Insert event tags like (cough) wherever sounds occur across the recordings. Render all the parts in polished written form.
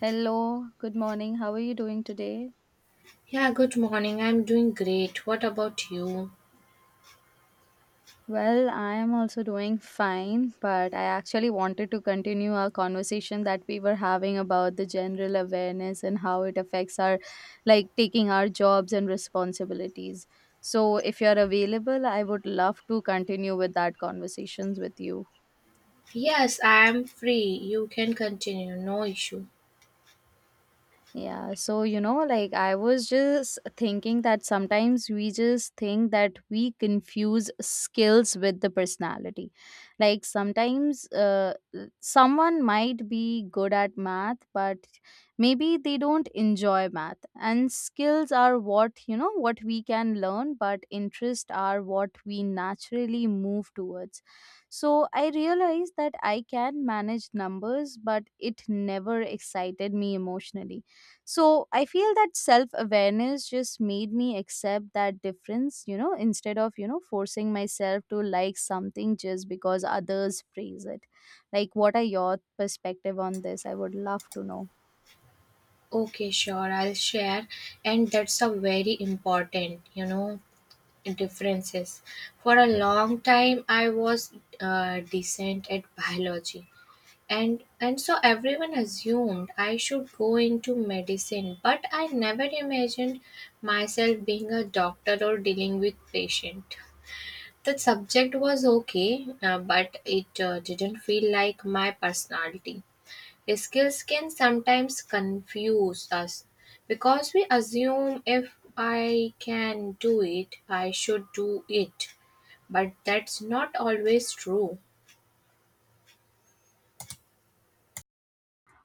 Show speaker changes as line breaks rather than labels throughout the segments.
Hello, good morning. How are you doing today?
Yeah, good morning. I'm doing great. What about you?
Well, I am also doing fine, but I actually wanted to continue our conversation that we were having about the general awareness and how it affects our, like, taking our jobs and responsibilities. So, if you're available, I would love to continue with that conversations with you.
Yes, I'm free. You can continue. No issue.
Yeah, so like I was just thinking that sometimes we just think that we confuse skills with the personality. Like sometimes someone might be good at math, but maybe they don't enjoy math. And skills are what, you know, what we can learn, but interests are what we naturally move towards. So I realized that I can manage numbers, but it never excited me emotionally, so I feel that self awareness just made me accept that difference, you know, instead of, you know, forcing myself to like something just because others praise it. Like, what are your perspective on this? I would love to know.
Okay, sure. I'll share. And that's a very important, you know, differences. For a long time, I was decent at biology. And so everyone assumed I should go into medicine, but I never imagined myself being a doctor or dealing with patient. The subject was okay, but it didn't feel like my personality. Skills can sometimes confuse us because we assume if I can do it, I should do it. But that's not always true.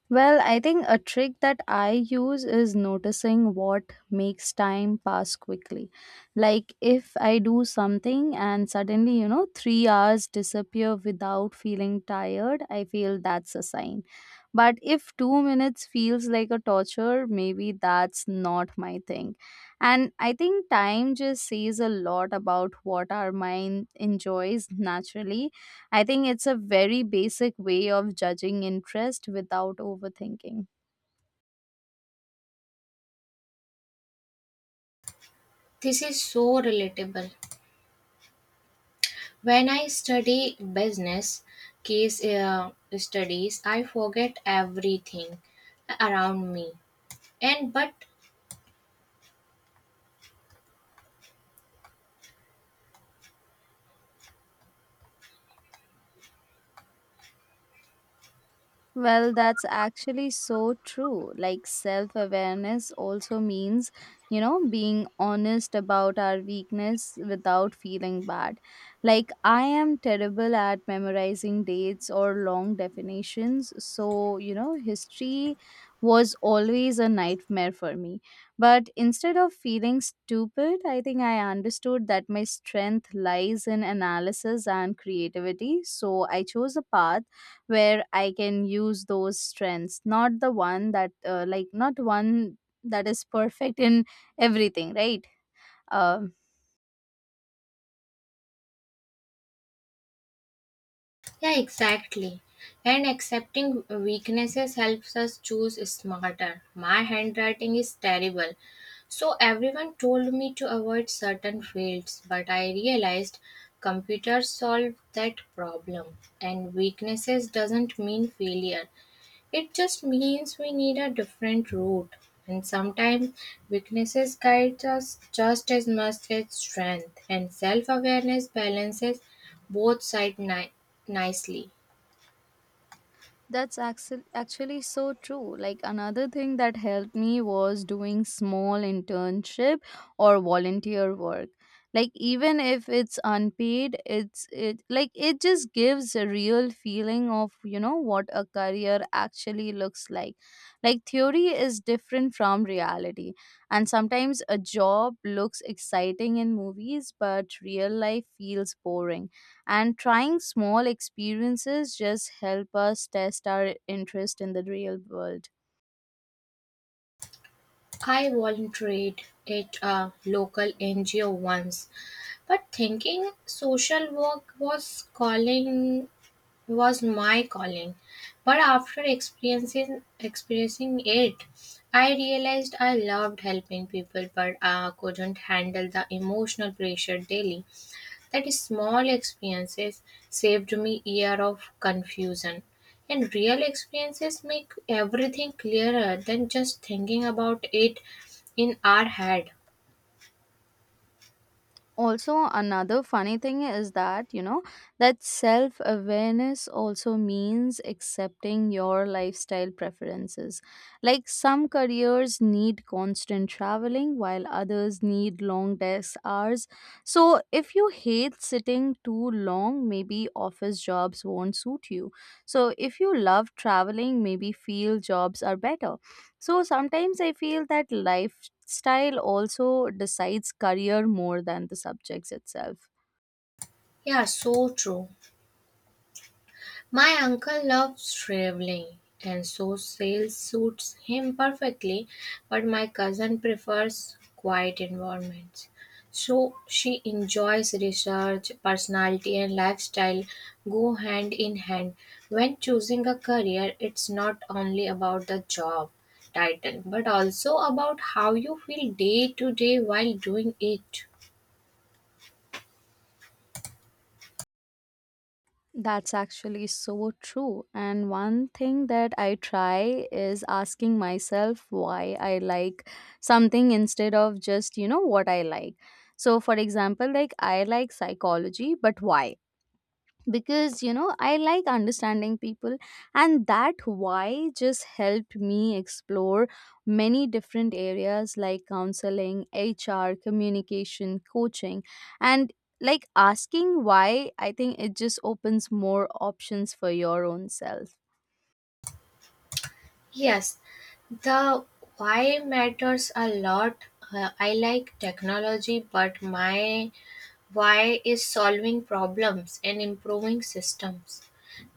Well, I think a trick that I use is noticing what makes time pass quickly. Like if I do something and suddenly, you know, 3 hours disappear without feeling tired, I feel that's a sign. But if 2 minutes feels like a torture, maybe that's not my thing. And I think time just says a lot about what our mind enjoys naturally. I think it's a very basic way of judging interest without overthinking.
This is so relatable. When I study business case studies, I forget everything around me and but
Well, that's actually so true. Like, self awareness also means, you know, being honest about our weakness without feeling bad. Like, I am terrible at memorizing dates or long definitions. So, you know, history was always a nightmare for me. But instead of feeling stupid, I think I understood that my strength lies in analysis and creativity. So, I chose a path where I can use those strengths, not the one that like not one that is perfect in everything, right? Um
yeah, exactly. And accepting weaknesses helps us choose smarter. My handwriting is terrible. So everyone told me to avoid certain fields, but I realized computers solve that problem and weaknesses doesn't mean failure. It just means we need a different route, and sometimes weaknesses guide us just as much as strength, and self awareness balances both sides nicely.
That's actually so true. Like another thing that helped me was doing small internship or volunteer work. Like even if it's unpaid, it like it just gives a real feeling of, you know, what a career actually looks like. Like theory is different from reality. And sometimes a job looks exciting in movies, but real life feels boring, and trying small experiences just help us test our interest in the real world.
I volunteered at a local NGO once, but thinking social work was calling was my calling. But after experiencing it, I realized I loved helping people, but I couldn't handle the emotional pressure daily. That small experiences saved me year of confusion. And real experiences make everything clearer than just thinking about it in our head.
Also another funny thing is that, you know, that self awareness also means accepting your lifestyle preferences. Like some careers need constant traveling while others need long desk hours, so if you hate sitting too long, maybe office jobs won't suit you. So if you love traveling, maybe field jobs are better. So sometimes I feel that lifestyle also decides career more than the subjects itself.
Yeah, so true. My uncle loves traveling, and so sails suits him perfectly, but my cousin prefers quiet environments. So she enjoys research, personality, and lifestyle go hand in hand. When choosing a career, it's not only about the job title but also about how you feel day to day while doing it.
That's actually so true. And one thing that I try is asking myself why I like something instead of just, you know, what I like. So, for example, like I like psychology, but why? Because, you know, I like understanding people, and that why just helped me explore many different areas like counseling, hr, communication, coaching, and like asking why, I think it just opens more options for your own self.
Yes, the why matters a lot. I like technology, but my why is solving problems and improving systems.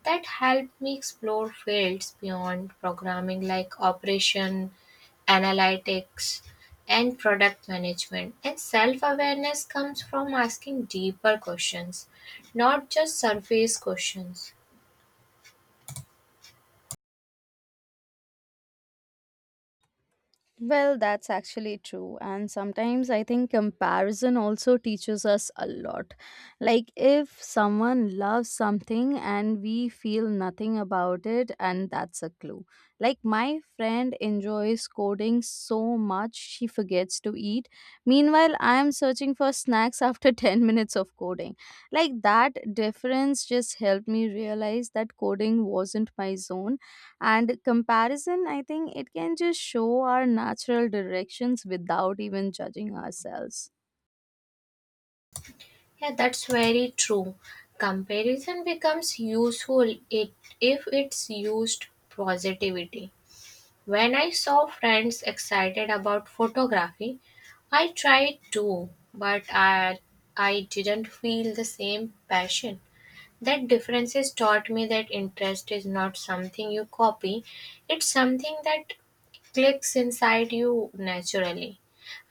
That help me explore fields beyond programming like operation, analytics, and product management. And self awareness comes from asking deeper questions, not just surface questions.
Well, that's actually true. And sometimes I think comparison also teaches us a lot. Like, if someone loves something and we feel nothing about it, and that's a clue. Like, my friend enjoys coding so much she forgets to eat. Meanwhile, I'm searching for snacks after (laughs) 10 minutes of coding. Like, that difference just helped me realize that coding wasn't my zone, and comparison, I think it can just show our natural directions without even judging ourselves.
Yeah, that's very true. Comparison becomes useful it if it's used positivity. When I saw friends excited about photography, I tried too, but I didn't feel the same passion. That differences taught me that interest is not something you copy, it's something that clicks inside you naturally.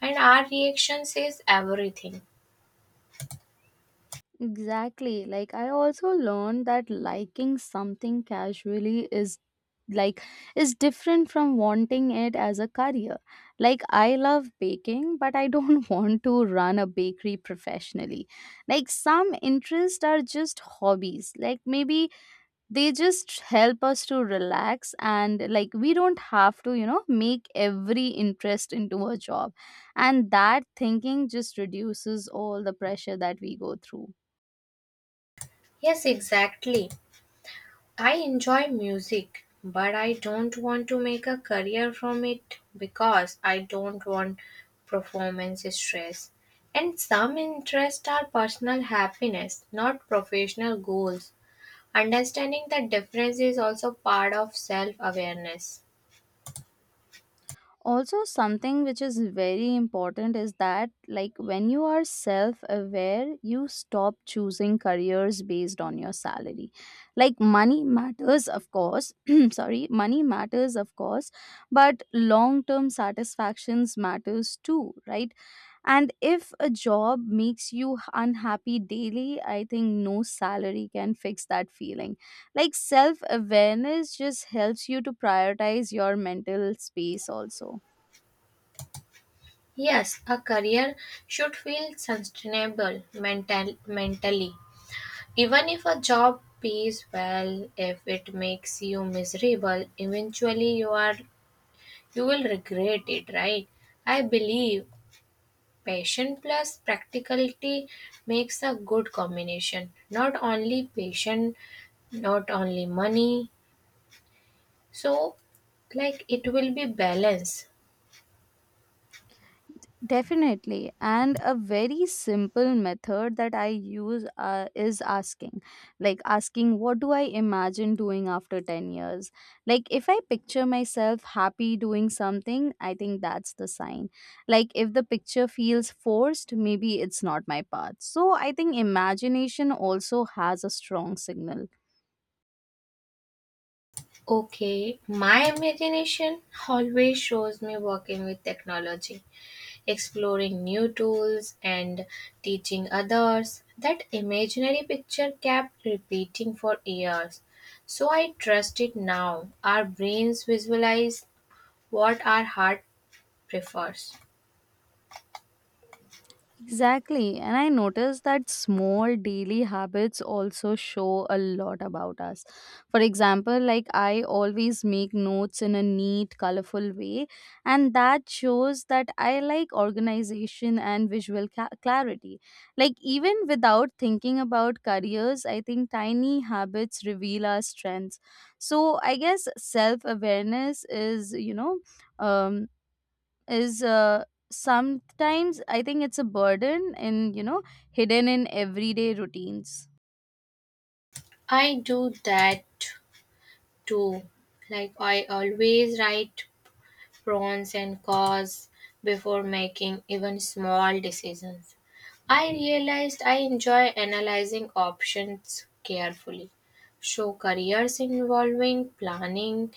And our reaction says everything.
Exactly. Like I also learned that liking something casually is like is different from wanting it as a career. Like I love baking, but I don't (laughs) want to run a bakery professionally. Like some interests are just hobbies. Like maybe they just help us to relax, and like we don't have to, you know, make every interest into a job, and that thinking just reduces all the pressure that we go through.
Yes, exactly. I enjoy music, but I don't want to make a career from it because I don't want performance stress. And some interests are personal happiness, not professional goals. Understanding the difference is also part of self awareness.
Also something which is very important is that like when you are self aware, you stop choosing careers based on your salary. Like money matters of course, (clears throat) sorry, money matters of course, but long term satisfactions matters too, right? And if a job makes you unhappy daily, I think no salary can fix that feeling. Like self awareness just helps you to prioritize your mental space also.
Yes, a career should feel sustainable mentally. Even if a job pays well, if it makes you miserable, eventually you will regret it, right? I believe passion plus practicality makes a good combination. Not only passion, not only money. So, like, it will be balance.
Definitely. And a very simple method that I use is asking. Like asking, what do I imagine doing after 10 years? Like, if I picture myself happy doing something, I think that's the sign. Like, if the picture feels forced, maybe it's not my path. So, I think imagination also has a strong signal.
Okay, my imagination always shows me working with technology, exploring new tools, and teaching others. That imaginary picture kept repeating for years, so I trust it now. Our brains visualize what our heart prefers.
Exactly. And I noticed that small daily habits also show a lot about us. For example, like I always make notes in a neat, colorful way, and that shows that I like organization and visual clarity. Like, even without thinking about careers, I think tiny habits reveal our strengths. So, I guess self awareness is, um, is uh, sometimes I think it's a burden in, you know, hidden in everyday routines.
I do that too. Like, I always write pros and cons before making even small decisions. I realized I enjoy analyzing options carefully. So, careers involving planning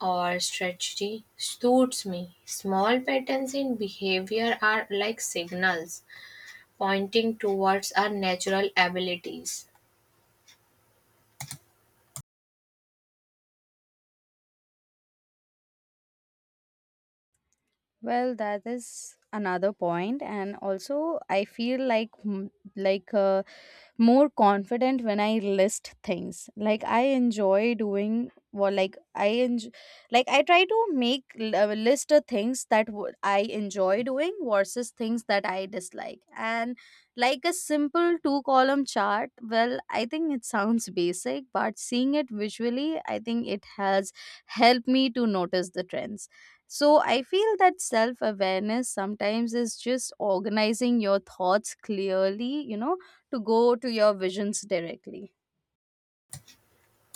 or strategy suits me. Small patterns in behavior are like signals pointing towards our natural abilities.
Well, that is another point, and also I feel like like uh, more confident when I list things. Like I enjoy, like I try to make a list of things that I enjoy doing versus things that I dislike, and like a simple two column chart. Well, I think it sounds basic, but seeing it visually, I think it has helped me to notice the trends, so I feel that self awareness sometimes is just organizing your thoughts clearly, you know, to go to your visions directly.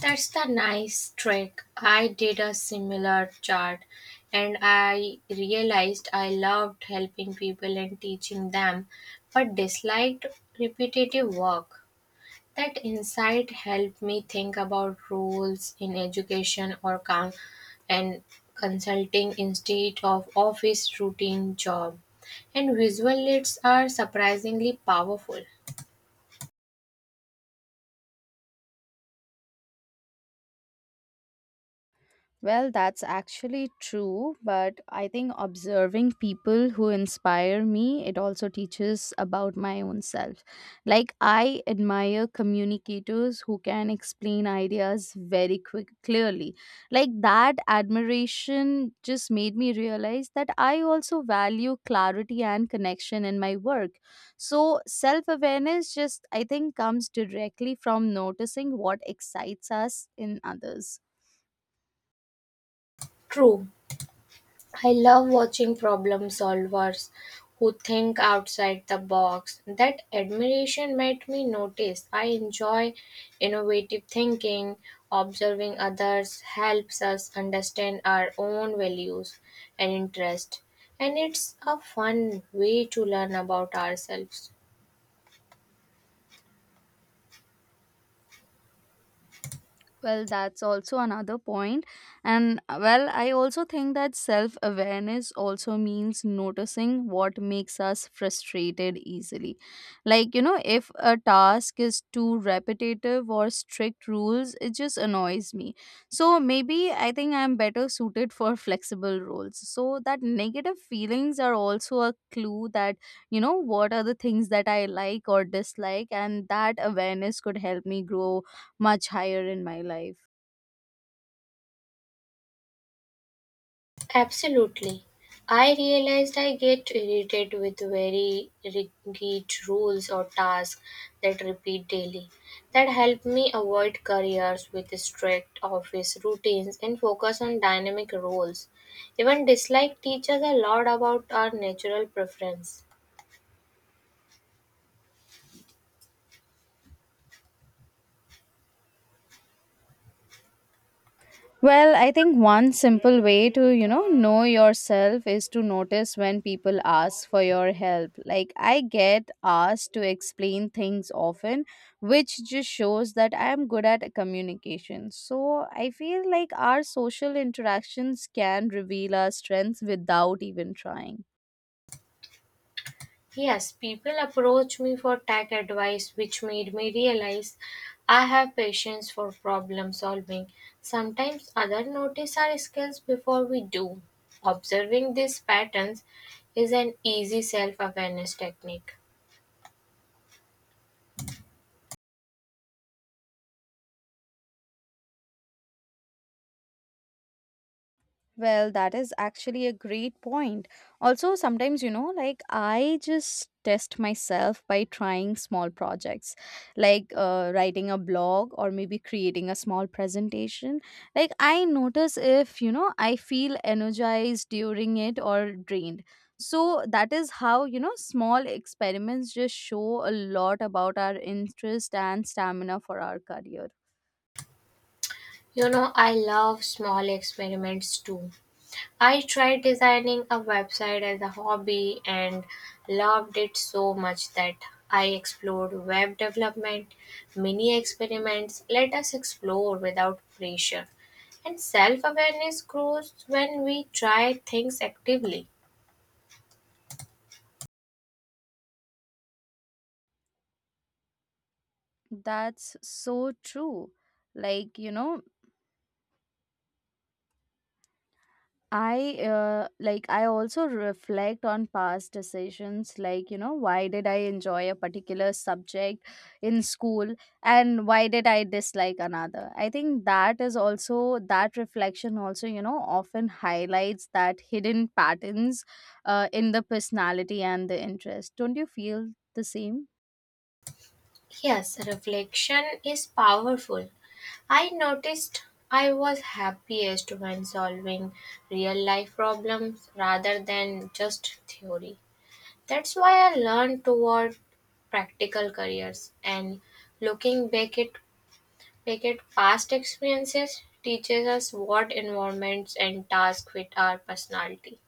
That's the nice trick. I did a similar chart and I realized I loved helping people and teaching them, but disliked repetitive work. That insight helped me think about roles in education or con- and consulting instead of office routine job. And visual leads are surprisingly powerful.
Well, that's actually true, but I think observing people who inspire me, it also teaches about my own self. Like, I admire communicators who can explain ideas very clearly. Like, that admiration just made me realize that I also value clarity and connection in my work. So, self awareness just, I think, comes directly from noticing what excites us in others.
True. I love watching problem solvers who think outside the box. That admiration made me notice. I enjoy innovative thinking. Observing others helps us understand our own values and interests, and it's a fun way to learn about ourselves.
Well, that's also another point. And well, I also think that self awareness also means noticing what makes us frustrated easily. Like, you know, if a task is too repetitive or strict rules, it just annoys me. So maybe I think I'm better suited for flexible roles. So that negative feelings are also a clue that, you know, what are the things that I like or dislike, and that awareness could help me grow much higher in my life?
Absolutely. I realized I get irritated with very rigid rules or tasks that repeat daily. That helped me avoid careers with strict office routines and focus on dynamic roles. Even dislike teaches a lot about our natural preference.
Well, I think one simple way to, you know yourself is to notice when people ask for your help. Like, I get asked to explain things often, which just shows that I am good at communication. So, I feel like our social interactions can reveal our strengths without even trying.
Yes, people approach me for tech advice, which made me realize I have patience for problem solving. Sometimes others notice our skills before we do. Observing these patterns is an easy self awareness technique.
Well, that is actually a great point. Also, sometimes, you know, like I just test myself by trying small projects like writing a blog or maybe creating a small presentation. Like, I notice if, you know, I feel energized during it or drained. So, that is how, you know, small experiments just show a lot about our interest and stamina for our career.
You know, I love small experiments too. I tried designing a website as a hobby and loved it so much that I explored web development, mini experiments. Let us explore without pressure. And self awareness grows when we try things actively.
That's so true. Like, you know, I also reflect on past decisions, like, you know, why did I enjoy a particular subject in school and why did I dislike another. I think that is also that reflection also, you know, often highlights that hidden patterns in the personality and the interest, don't you feel the same?
Yes, reflection is powerful. I noticed I was happiest when solving real life problems rather than just theory. That's why I learned toward practical careers and looking back at, back at past experiences teaches us what environments and tasks fit our personality.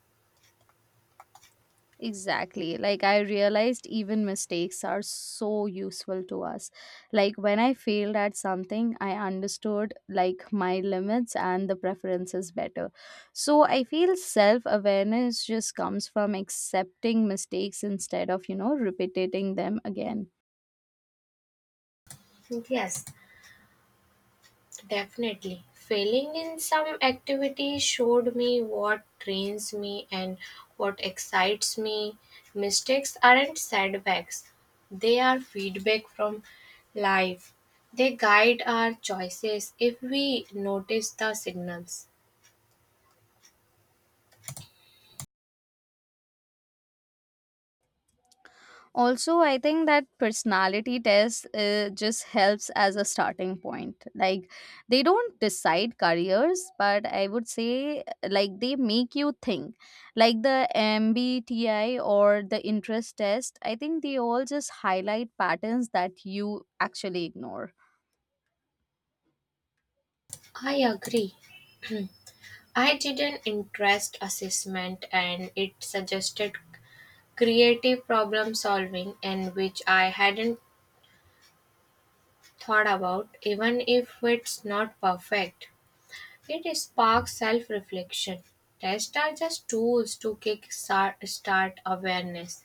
Exactly. Like, I realized even mistakes are so useful to us. Like, when I failed at something, I understood like my limits and the preferences better. So, I feel self awareness just comes from accepting mistakes instead of, you know, repeating them again.
Yes, definitely. Failing in some activity showed me what drains me and what excites me. Mistakes aren't setbacks, they are feedback from life. They guide our choices if we notice the signals.
Also I think that personality test just helps as a starting point. Like they don't decide careers, but I would say like they make you think, like the mbti or the interest test, I think they all just highlight patterns that you actually ignore.
I agree. I did an interest assessment and it suggested creative problem solving and which I hadn't thought about even if it's not perfect. It sparks self reflection. Tests are just tools to start awareness.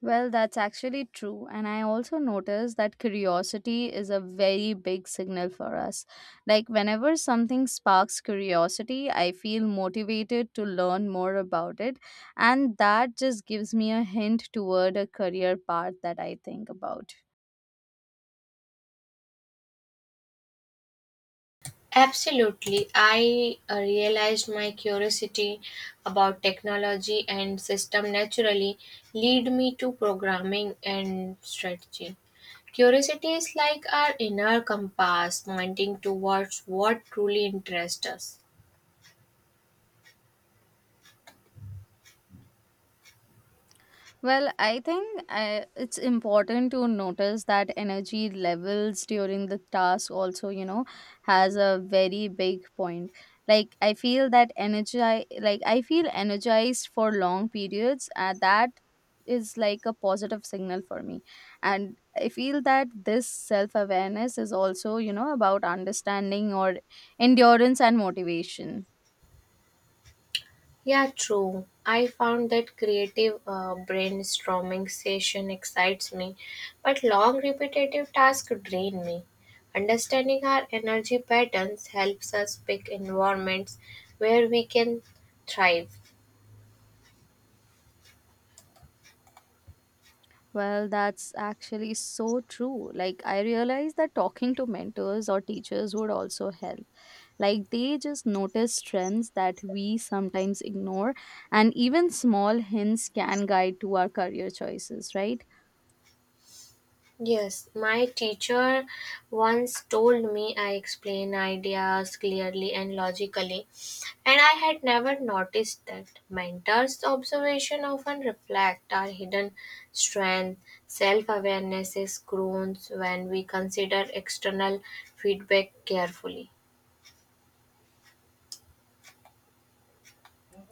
Well, that's actually true. And I also noticed that curiosity is a very big signal for us. Like, whenever something sparks curiosity, I feel motivated to learn more about it. And that just gives me a hint toward a career path that I think about.
Absolutely. I realized my curiosity about technology and system naturally lead me to programming and strategy. Curiosity is like our inner compass pointing towards what truly interests us.
Well, it's important to notice that energy levels during the task also, you know, has a very big point. Like I feel that energy, like I feel energized for long periods, and that is like a positive signal for me. And I feel that this self awareness is also, you know, about understanding or endurance and motivation.
Yeah, true. I found that creative brainstorming session excites me, but long repetitive tasks drain me. Understanding our energy patterns helps us pick environments where we can thrive.
Well, that's actually so true. Like, I realized that talking to mentors or teachers would also help. Like, they just notice trends that we sometimes ignore, and even small hints can guide to our career choices, right?
Yes, my teacher once told me I explain ideas clearly and logically, and I had never noticed that. Mentors' observation often reflect our hidden strength. Self awareness is grown when we consider external feedback carefully.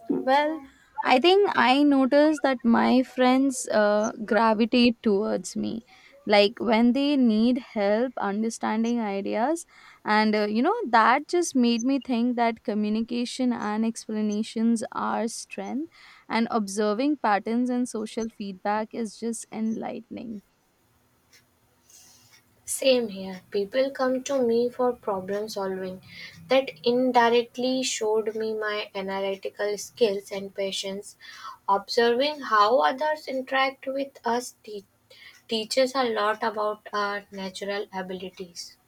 Well, I think I noticed that my friends gravitate towards me. Like when they need help understanding ideas, and that just made me think that communication and explanations are strength, and observing patterns and social feedback is just enlightening.
Same here. People come to me for problem solving. That indirectly showed me my analytical skills and patience. Observing how others interact with us teaches a lot about our natural abilities.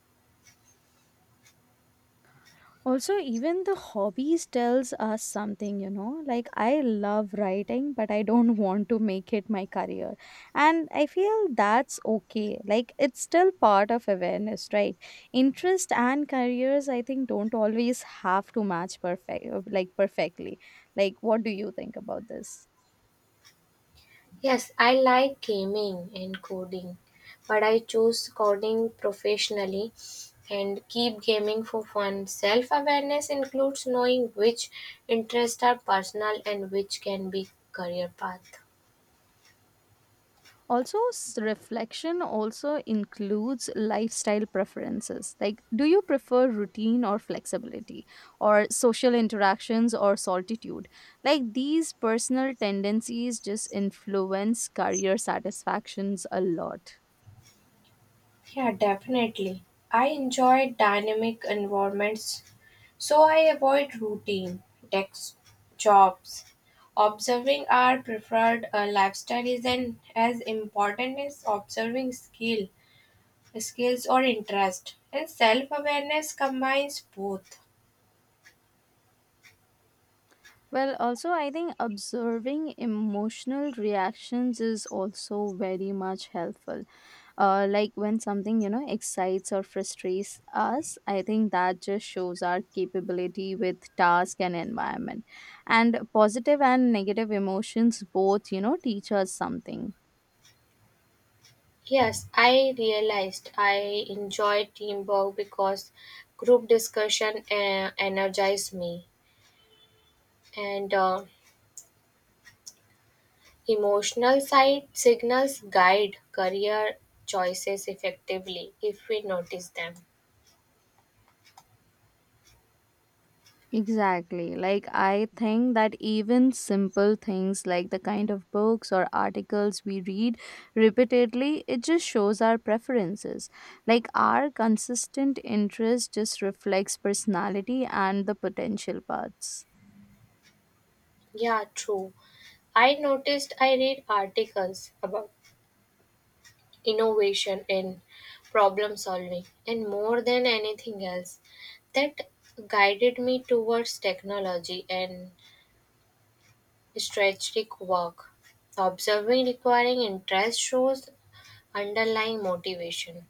Also even the hobbies tells us something like I love writing but I don't (laughs) want to make it my career, and I feel that's okay, like it's still part of awareness, right? Interest and careers, I think, don't always have to match perfectly. Like what do you think about this?
Yes, I like gaming and coding, but I chose coding professionally and keep gaming for fun. Self awareness includes knowing which interests are personal and which can be career path.
Also reflection also includes lifestyle preferences, like do you prefer routine or flexibility or social interactions or solitude? Like these personal tendencies just influence career satisfactions a lot.
Yeah, definitely. I enjoy dynamic environments, so I avoid routine desk jobs. Observing our preferred lifestyle is an, as important as observing skills or interest and self-awareness combines both.
Well, also, I think observing emotional reactions is also very much helpful. Like when something, excites or frustrates us, I think that just shows our capability with task and environment. And positive and negative emotions both, teach us something.
Yes, I realized I enjoy teamwork because group discussion energizes me, and emotional side signals guide career choices effectively if we notice them.
Exactly. Like, I think that even simple things like the kind of books or articles we read repeatedly, it just shows our preferences. Like, our consistent interest just reflects personality and the potential parts.
Yeah, true. I noticed I read articles about innovation in problem solving and more than anything else that guided me towards technology and strategic work observing requiring interest shows underlying motivation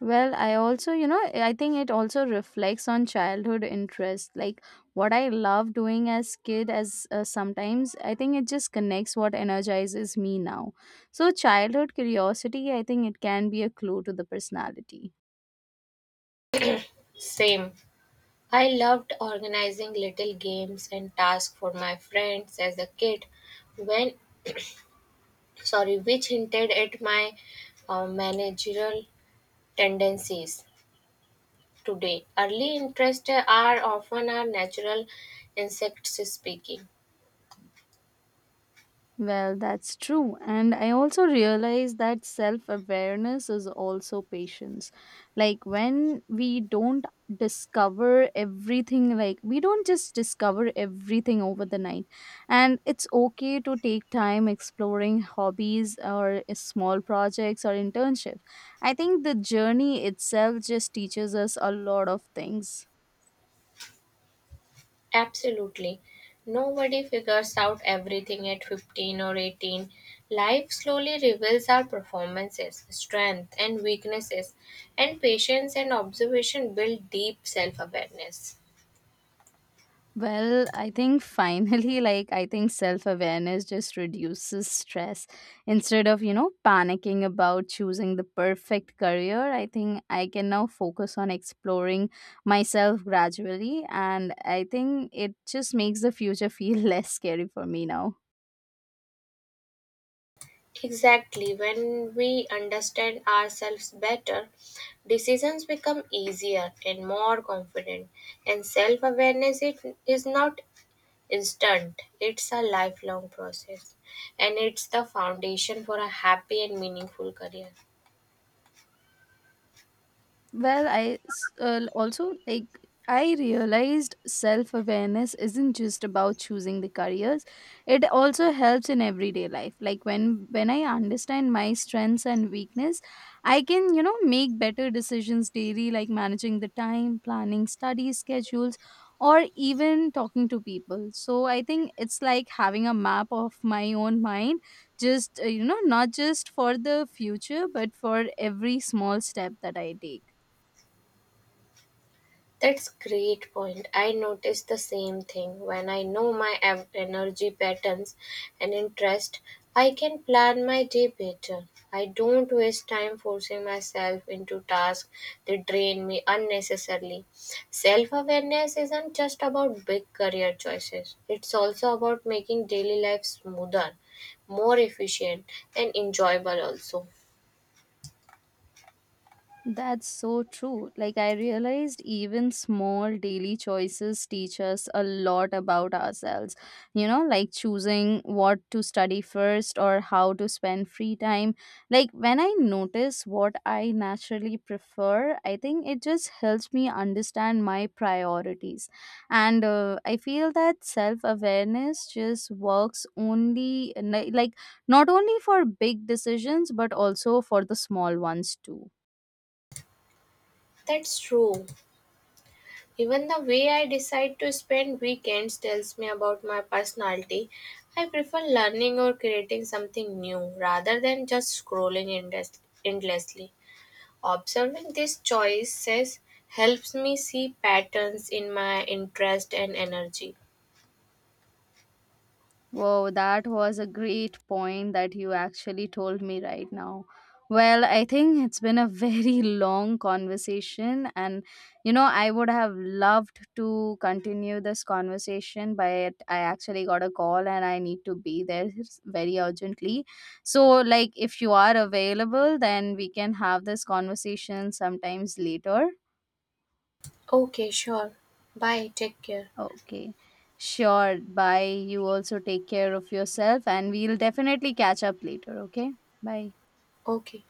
Well, I also, I think it also reflects on childhood interest. Like what I love doing as kid as sometimes I think it just connects what energizes me now. So childhood curiosity, I think it can be a clue to the personality.
same. I loved organizing little games and tasks for my friends as a kid when sorry which hinted at my managerial tendencies today. Early interests are often our natural insects speaking.
Well, that's true. And I also realize that self awareness is also patience. Like, when we don't discover everything, like, we don't just discover everything over the night. And it's okay to take time exploring hobbies or small projects or internships. I think the journey itself just teaches us a lot of things.
Absolutely. Nobody figures out everything at 15 or 18. Life slowly reveals our performances, strength and weaknesses, and patience and observation build deep self awareness.
Well, I think finally, (laughs) like, I think self awareness just reduces stress. Instead of, panicking about choosing the perfect career, I think I can now focus on exploring myself gradually. And I think it just makes the future feel (laughs) less scary for me now.
Exactly, when we understand ourselves better, decisions become easier and more confident and self-awareness it is not instant. It's a lifelong process, and it's the foundation for a happy and meaningful career.
Well, also like I realized self awareness isn't just about choosing the careers. It also helps in everyday life. Like when I understand my strengths and weakness, I can, make better decisions daily like managing the time, planning study schedules or even talking to people. So I think it's like having a map of my own mind just not just for the future but for every small step that I take.
That's great point. I notice the same thing. When I know my energy patterns and interest, I can plan my day better. I don't waste time forcing myself into tasks that drain me unnecessarily. Self-awareness isn't just about big career choices. It's also about making daily life smoother, more efficient and enjoyable also.
That's so true. Like, I realized even small daily choices teach us a lot about ourselves. You know, like choosing what to study first or how to spend free time. Like, when I notice what I naturally prefer, I think it just helps me understand my priorities. And I feel that self awareness just works only, like, not only for big decisions, but also for the small ones too.
That's true. Even the way I decide to spend weekends tells me about my personality. I prefer learning or creating something new rather than just endlessly. Observing these choices helps me see patterns in my interest and energy.
Wow, that was a great point that you actually told me right now. Well, I think it's been a very (laughs) long conversation, and you know, I would have loved to continue this conversation, but I actually got a call and I need to be there very urgently. So, like, if you are available, then we can have this conversation sometimes later.
Okay, sure. Bye. Take care.
Okay. Sure. Bye. You also take care of yourself, and we'll definitely catch up later. Okay. Bye.
Okay.